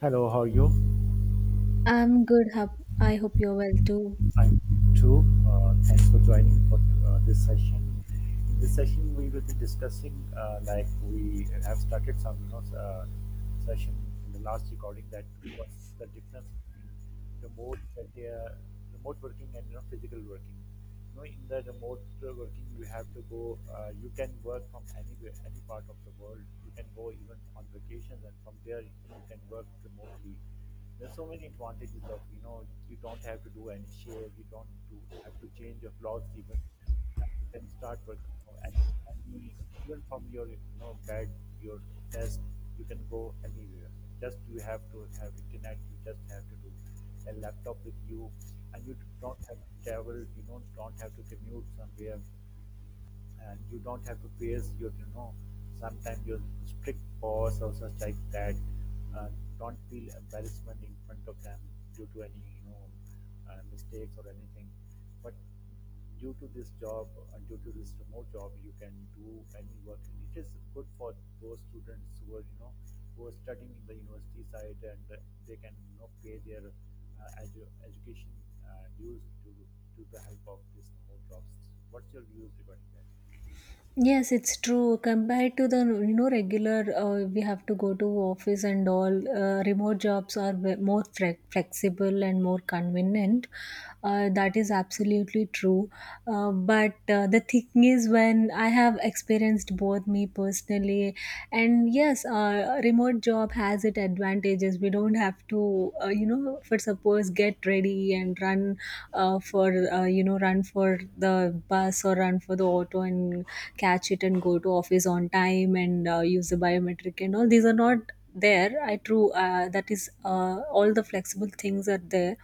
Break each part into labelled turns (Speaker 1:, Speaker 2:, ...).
Speaker 1: Hello, how are you?
Speaker 2: I'm good. I hope you're well too.
Speaker 1: I'm too. Thanks for joining for this session. In this session, we will be discussing like we have started some session in the last recording that what's the difference between remote that they are remote working and physical working. In the remote working you have to go you can work from anywhere, any part of the world. You can go even on vacations and from there you can work remotely. There's so many advantages of you don't have to do any shave, you don't do, have to change your clothes even, and you can start working more. And e- Even from your bed, your desk, you can go anywhere. Just you have to have internet. You just have to do a laptop with you, and you don't have to travel. You don't have to commute somewhere, and you don't have to pierce your sometimes your strict boss or such like that uh, don't feel embarrassment in front of them due to any mistakes or anything. But due to this job, due to this remote job, you can do any work, and it is good for those students who are who are studying in the university side, and they can pay their education dues to the help of this remote jobs. What's your views regarding that?
Speaker 2: Yes, it's true. Compared to the you know regular, we have to go to office and all. Remote jobs are flexible and more convenient. That is absolutely true. But The thing is, when I have experienced both me personally, and yes, remote job has its advantages. We don't have to you know for suppose get ready and run for you know run for the bus or run for the auto and catch it and go to office on time and use the biometric and all these are not there I true that is all the flexible things are there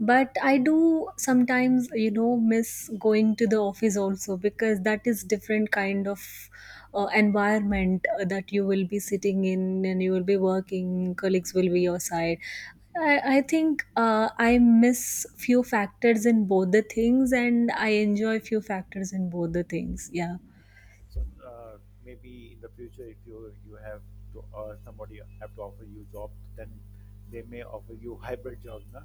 Speaker 2: but I do sometimes you know miss going to the office also because that is different kind of environment that you will be sitting in and you will be working colleagues will be your side. I think I miss few factors in both the things and I enjoy few factors in both the things. Yeah.
Speaker 1: So maybe in the future, if you have to or somebody have to offer you job, then they may offer you hybrid job, na?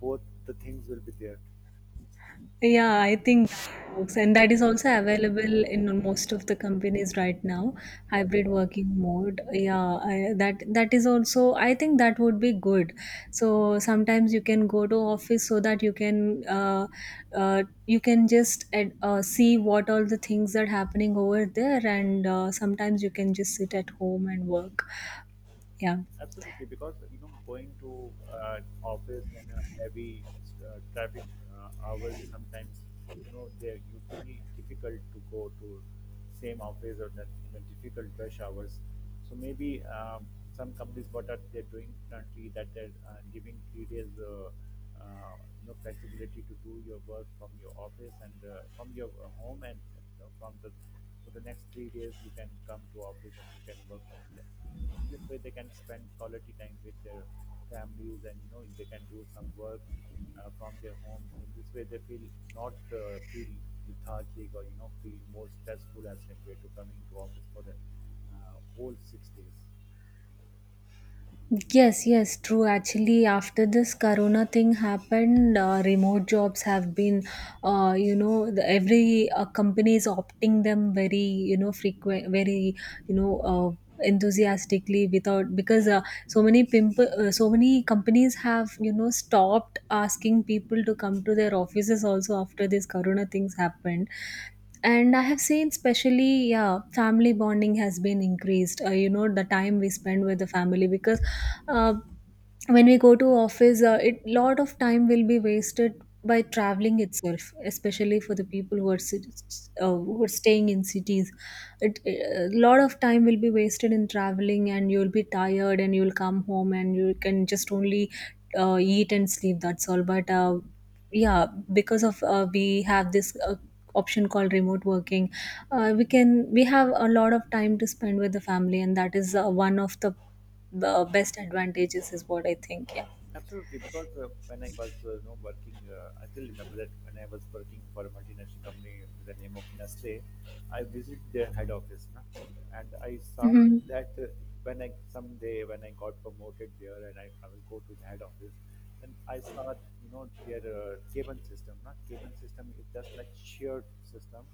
Speaker 1: Both the things will be there.
Speaker 2: Yeah, I think that works. And that is also available in most of the companies right now,
Speaker 1: Yes.
Speaker 2: hybrid working mode. Yeah, that is also, I think that would be good. So sometimes you can go to office so that you can just see what all the things are happening over there, and sometimes you can just sit at home and work. Yeah.
Speaker 1: Absolutely, because you know, going to office on a heavy traffic hours sometimes, you know, they're usually difficult to go to same office or that you know, difficult rush hours. So maybe some companies what are they're doing currently that they're giving 3 days, uh, you know, flexibility to do your work from your office and from your home, and from the for the next 3 days you can come to office and you can work from there. This way they can spend quality time with their families, and you know they can do some work from their homes. In this way they feel not feel lethargic or you know feel more stressful as compared to coming to office for the whole 6 days.
Speaker 2: Yes, yes, true. Actually, after this corona thing happened, remote jobs have been, you know, every company is opting them very, you know, frequent, very, you know, uh, enthusiastically without because so many pimple, so many companies have, you know, stopped asking people to come to their offices also after this corona things happened, and I have seen especially yeah family bonding has been increased you know the time we spend with the family because uh, when we go to office it lot of time will be wasted by traveling itself especially for the people who are who are staying in cities. It a lot of time will be wasted in traveling and you'll be tired and you'll come home and you can just only eat and sleep that's all but yeah, because of we have this option called remote working. We can we have a lot of time to spend with the family and that is one of the best advantages is what I think. Yeah.
Speaker 1: Absolutely, because when I was you know, working, I still remember that when I was working for a multinational company with the name of Nestle, I visited their head office, na, and I saw
Speaker 2: Mm-hmm.
Speaker 1: that when I someday when I got promoted there and I will go to the head office, then I saw, you know, their cabin system. Not cabin system is just like shared system.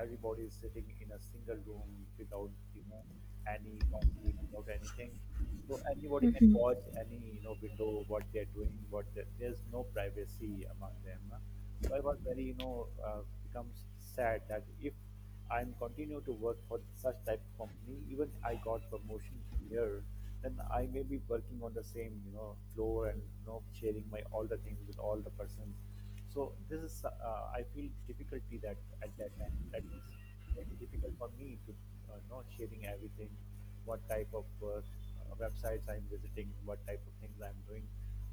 Speaker 1: Everybody is sitting in a single room without, you know, any conflict, without anything. So anybody can watch any, you know, window what they're doing. What they're, there's no privacy among them. No? So I was very, you know, becomes sad that if I'm continue to work for such type of company, even I got promotion here, then I may be working on the same, you know, floor and you know sharing my all the things with all the persons. So this is I feel difficulty that at that time that is maybe difficult for me to not sharing everything, what type of websites I'm visiting, what type of things I'm doing.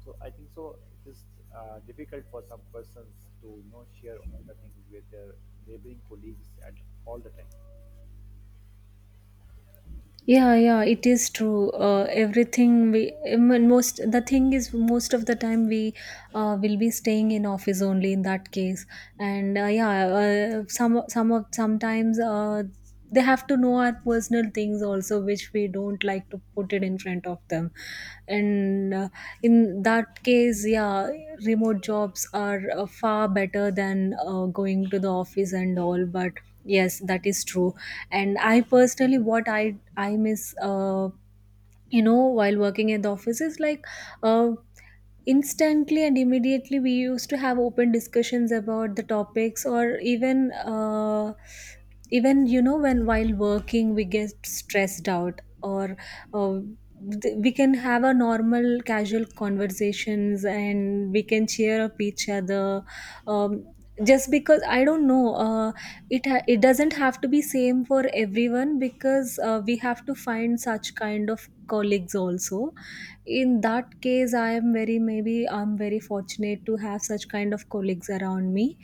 Speaker 1: So I think so it is difficult for some persons to you know share all the things with their neighboring colleagues at all the time.
Speaker 2: Yeah, yeah, it is true. Everything we I mean, most the thing is most of the time we will be staying in office only in that case, and yeah, sometimes they have to know our personal things also, which we don't like to put it in front of them, and in that case, yeah, remote jobs are far better than going to the office and all, but. Yes, that is true, and I personally what i miss you know while working at the office is like uh, instantly and immediately we used to have open discussions about the topics or even even you know when while working we get stressed out or uh, we can have a normal casual conversations and we can cheer up each other. um, just because I don't know it doesn't have to be same for everyone because we have to find such kind of colleagues also. In that case I am very maybe I'm very fortunate to have such kind of colleagues around me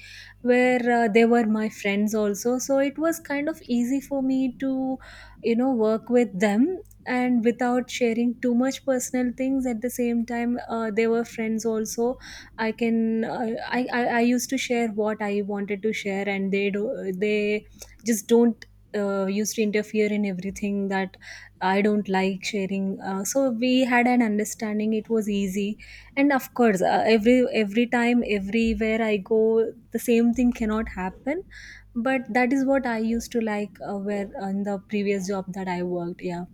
Speaker 2: where they were my friends also so it was kind of easy for me to you know work with them, and without sharing too much personal things at the same time they were friends also. I can I used to share what I wanted to share and they do they just don't used to interfere in everything that I don't like sharing. So we had an understanding. It was easy, and of course, every time, everywhere I go, the same thing cannot happen. But that is what I used to like, where on the previous job that I worked. Yeah.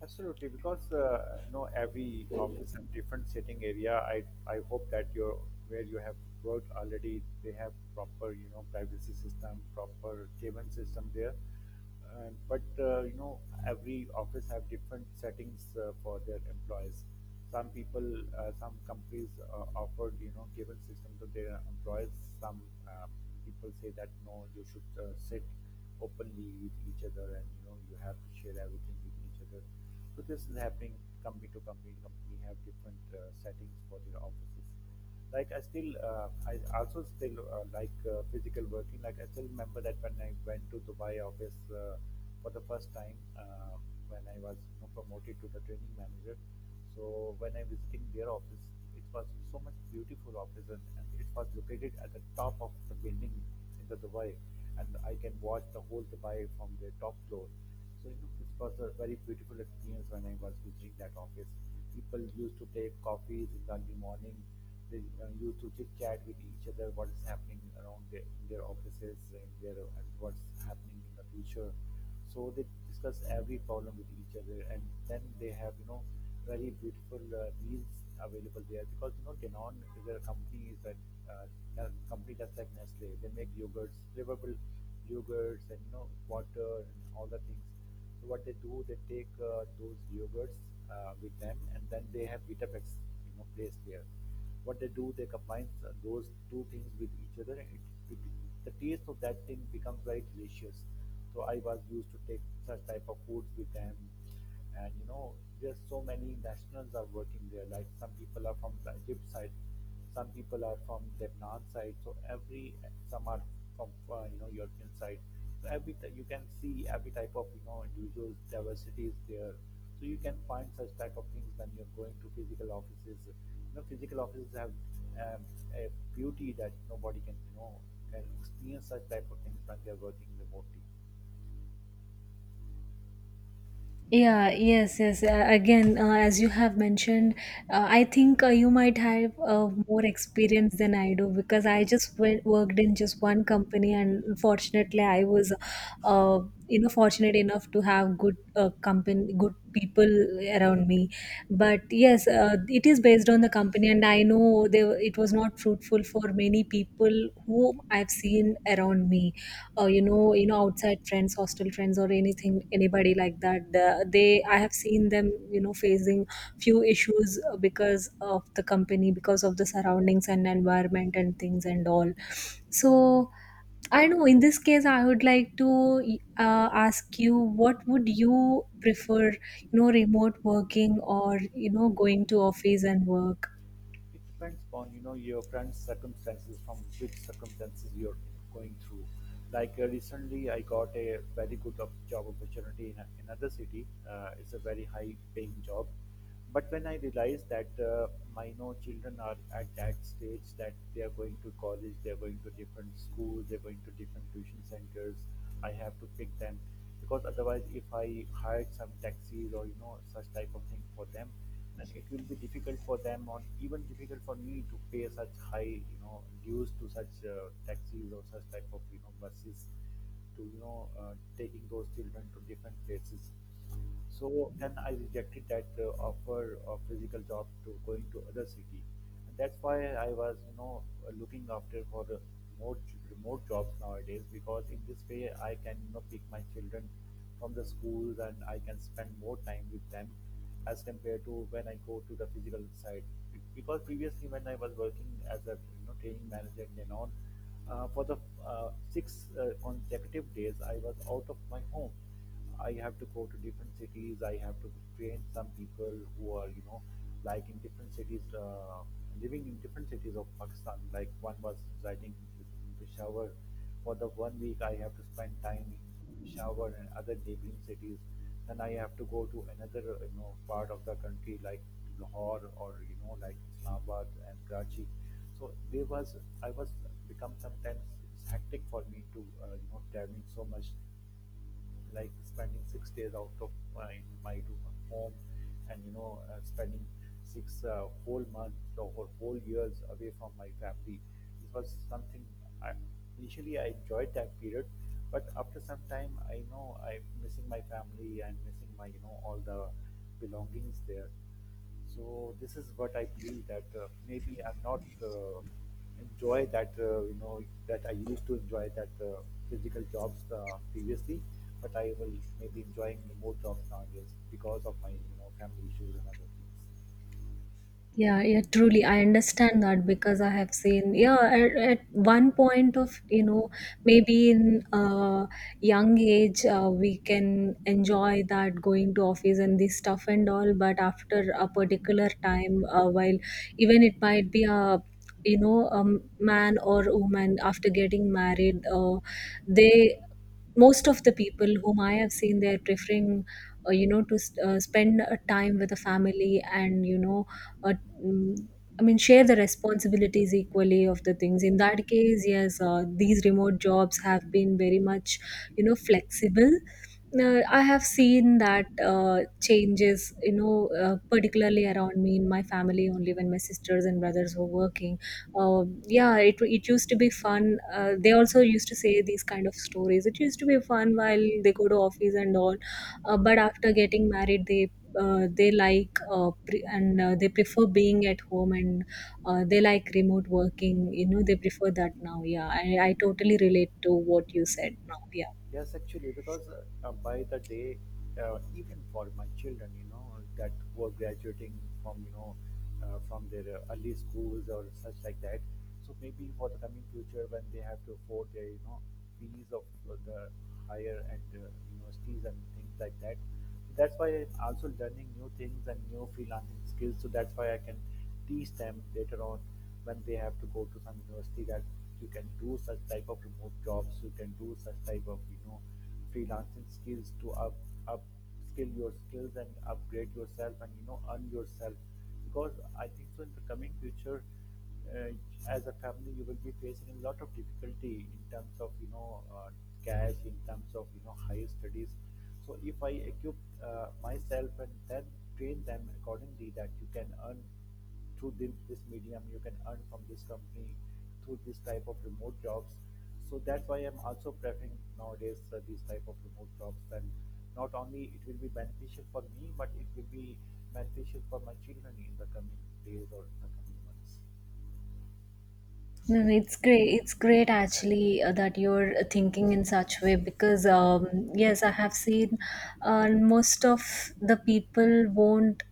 Speaker 1: Absolutely, because you know every office and different sitting area. I hope that your where you have worked already, they have proper you know privacy system, proper cabin system there. And but you know every office have different settings for their employees. Some people, some companies offered you know cabin system to their employees. Some uh, people say that no, you should sit openly with each other, and you know you have to share everything with each other, so this is happening company to company. Company have different settings for their offices, like I also still like physical working. Like I still remember that when I went to Dubai office uh, for the first time, uh, when I was you know, promoted to the training manager, so when I visiting their office, it was so much beautiful office, and it was located at the top of the building in the Dubai, and I can watch the whole Dubai from the top floor. So you know, it was a very beautiful experience when I was visiting that office. People used to take coffees in the early morning. They used to chit chat with each other what is happening around their, in their offices and, their, and what's happening in the future, so they discuss every problem with each other, and then they have you know very beautiful meals available there, because you know Danone is a company is that a company that's like Nestle. They make yogurts, flavorful yogurts, and you know water and all the things. So what they do, they take those yogurts with them, and then they have Vitaflex, you know, placed there. What they do, they combine those two things with each other, and it, the taste of that thing becomes very delicious. So I was used to take such type of foods with them, and you know, there's so many nationals are working there. Like some people are from the Egypt side, some people are from Lebanon side. So every some are from you know European side. So every you can see every type of you know individuals diversity is there. So you can find such type of things when you're going to physical offices. You know, physical offices have um, a beauty that nobody can you know can experience such type of things when they're working remotely.
Speaker 2: Yeah, yes, yes. Again, as you have mentioned, I think you might have more experience than I do because I just went, worked in just one company, and fortunately, I was, uh, you know, fortunate enough to have good company, good people around me. But yes, it is based on the company, and I know they, it was not fruitful for many people whom I've seen around me. You know, you know, outside friends hostel friends or anything anybody like that, they I have seen them you know facing few issues because of the company because of the surroundings and environment and things and all. So I know in this case, I would like to ask you, what would you prefer, you know, remote working or, you know, going to office and work?
Speaker 1: It depends upon you know your current circumstances, from which circumstances you're going through. Like recently, I got a very good job opportunity in another city. It's a very high-paying job, but when I realized that my you know, children are at that stage that they are going to college, they are going to different schools, they are going to different tuition centers. I have to pick them, because otherwise, if I hired some taxis or you know such type of thing for them, then it will be difficult for them or even difficult for me to pay such high you know dues to such taxis or such type of you know buses to you know taking those children to different places. So then I rejected that offer of physical job to going to other city, and that's why I was you know looking after for the remote remote jobs nowadays, because in this way I can you know pick my children from the schools, and I can spend more time with them as compared to when I go to the physical side. Because previously when I was working as a you know training manager in Danone, for the 6 consecutive days I was out of my home. I have to go to different cities. I have to train some people who are, you know, like in different cities, living in different cities of Pakistan. Like one was residing in Peshawar. For the one week, I have to spend time in Peshawar and other neighboring cities. Then I have to go to another, you know, part of the country like Lahore or, you know, like Islamabad and Karachi. So there was, I was become sometimes it's hectic for me to, you know, traveling so much, like spending 6 days out of my home, and you know spending 6 whole months or whole years away from my family. It was something I, initially I enjoyed that period, but after some time I know I'm missing my family and missing my you know all the belongings there. So this is what I believe that maybe I'm not enjoy that you know that I used to enjoy that physical jobs previously, but I will maybe enjoying more jobs nowadays because of my you know family issues and other things.
Speaker 2: Yeah, yeah, truly. I understand that because I have seen, yeah, at one point of, you know, maybe in young age, we can enjoy that going to office and this stuff and all. But after a particular time, while even it might be a, you know, a man or woman after getting married, they, most of the people whom I have seen, they're preferring, you know, to spend time with the family and, you know, uh, mm, I mean, share the responsibilities equally of the things. In that case, yes, these remote jobs have been very much, you know, flexible. I have seen that changes, you know, particularly around me in my family only when my sisters and brothers were working. Yeah, it used to be fun. They also used to say these kind of stories. It used to be fun while they go to office and all. But after getting married, they like pre- and they prefer being at home, and they like remote working, you know they prefer that now. Yeah, I totally relate to what you said now. Yeah.
Speaker 1: Yes, actually, because by the day, even for my children, you know, that were graduating from, you know, from their early schools or such like that. So maybe for the coming future, when they have to afford their, you know, fees of the higher and universities and things like that, that's why I'm also learning new things and new freelancing skills, so that's why I can teach them later on when they have to go to some university, that you can do such type of remote jobs, you can do such type of you know freelancing skills to up skill your skills and upgrade yourself and you know earn yourself, because I think so in the coming future, uh, as a family you will be facing a lot of difficulty in terms of you know cash, in terms of you know higher studies. So if I equip myself and then train them accordingly that you can earn through this medium, you can earn from this company through this type of remote jobs. So that's why I'm also preferring nowadays these type of remote jobs, and not only it will be beneficial for me, but it will be beneficial for my children in the coming days or in the coming months.
Speaker 2: No, no, it's great. It's great actually that you're thinking in such way because yes, I have seen most of the people won't.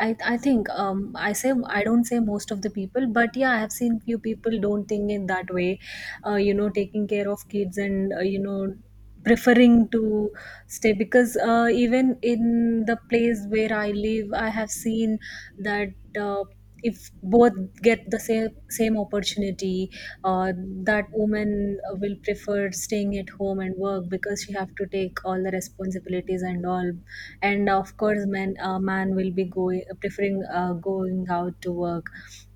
Speaker 2: I think I say I don't say most of the people, but yeah, I have seen few people don't think in that way. You know, taking care of kids and you know preferring to stay because even in the place where I live, I have seen that uh, if both get the same opportunity, uh, that woman will prefer staying at home and work because she have to take all the responsibilities and all, and of course, man will be going preferring going out to work,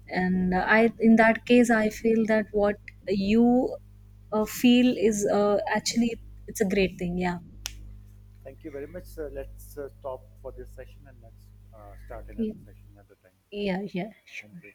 Speaker 2: and I in that case I feel that what you feel is actually it's a great thing. Yeah.
Speaker 1: Thank you very much, sir. Let's stop for this session and let's start another session another time.
Speaker 2: Yeah, yeah, yeah,
Speaker 1: Thank
Speaker 2: sure.
Speaker 1: you.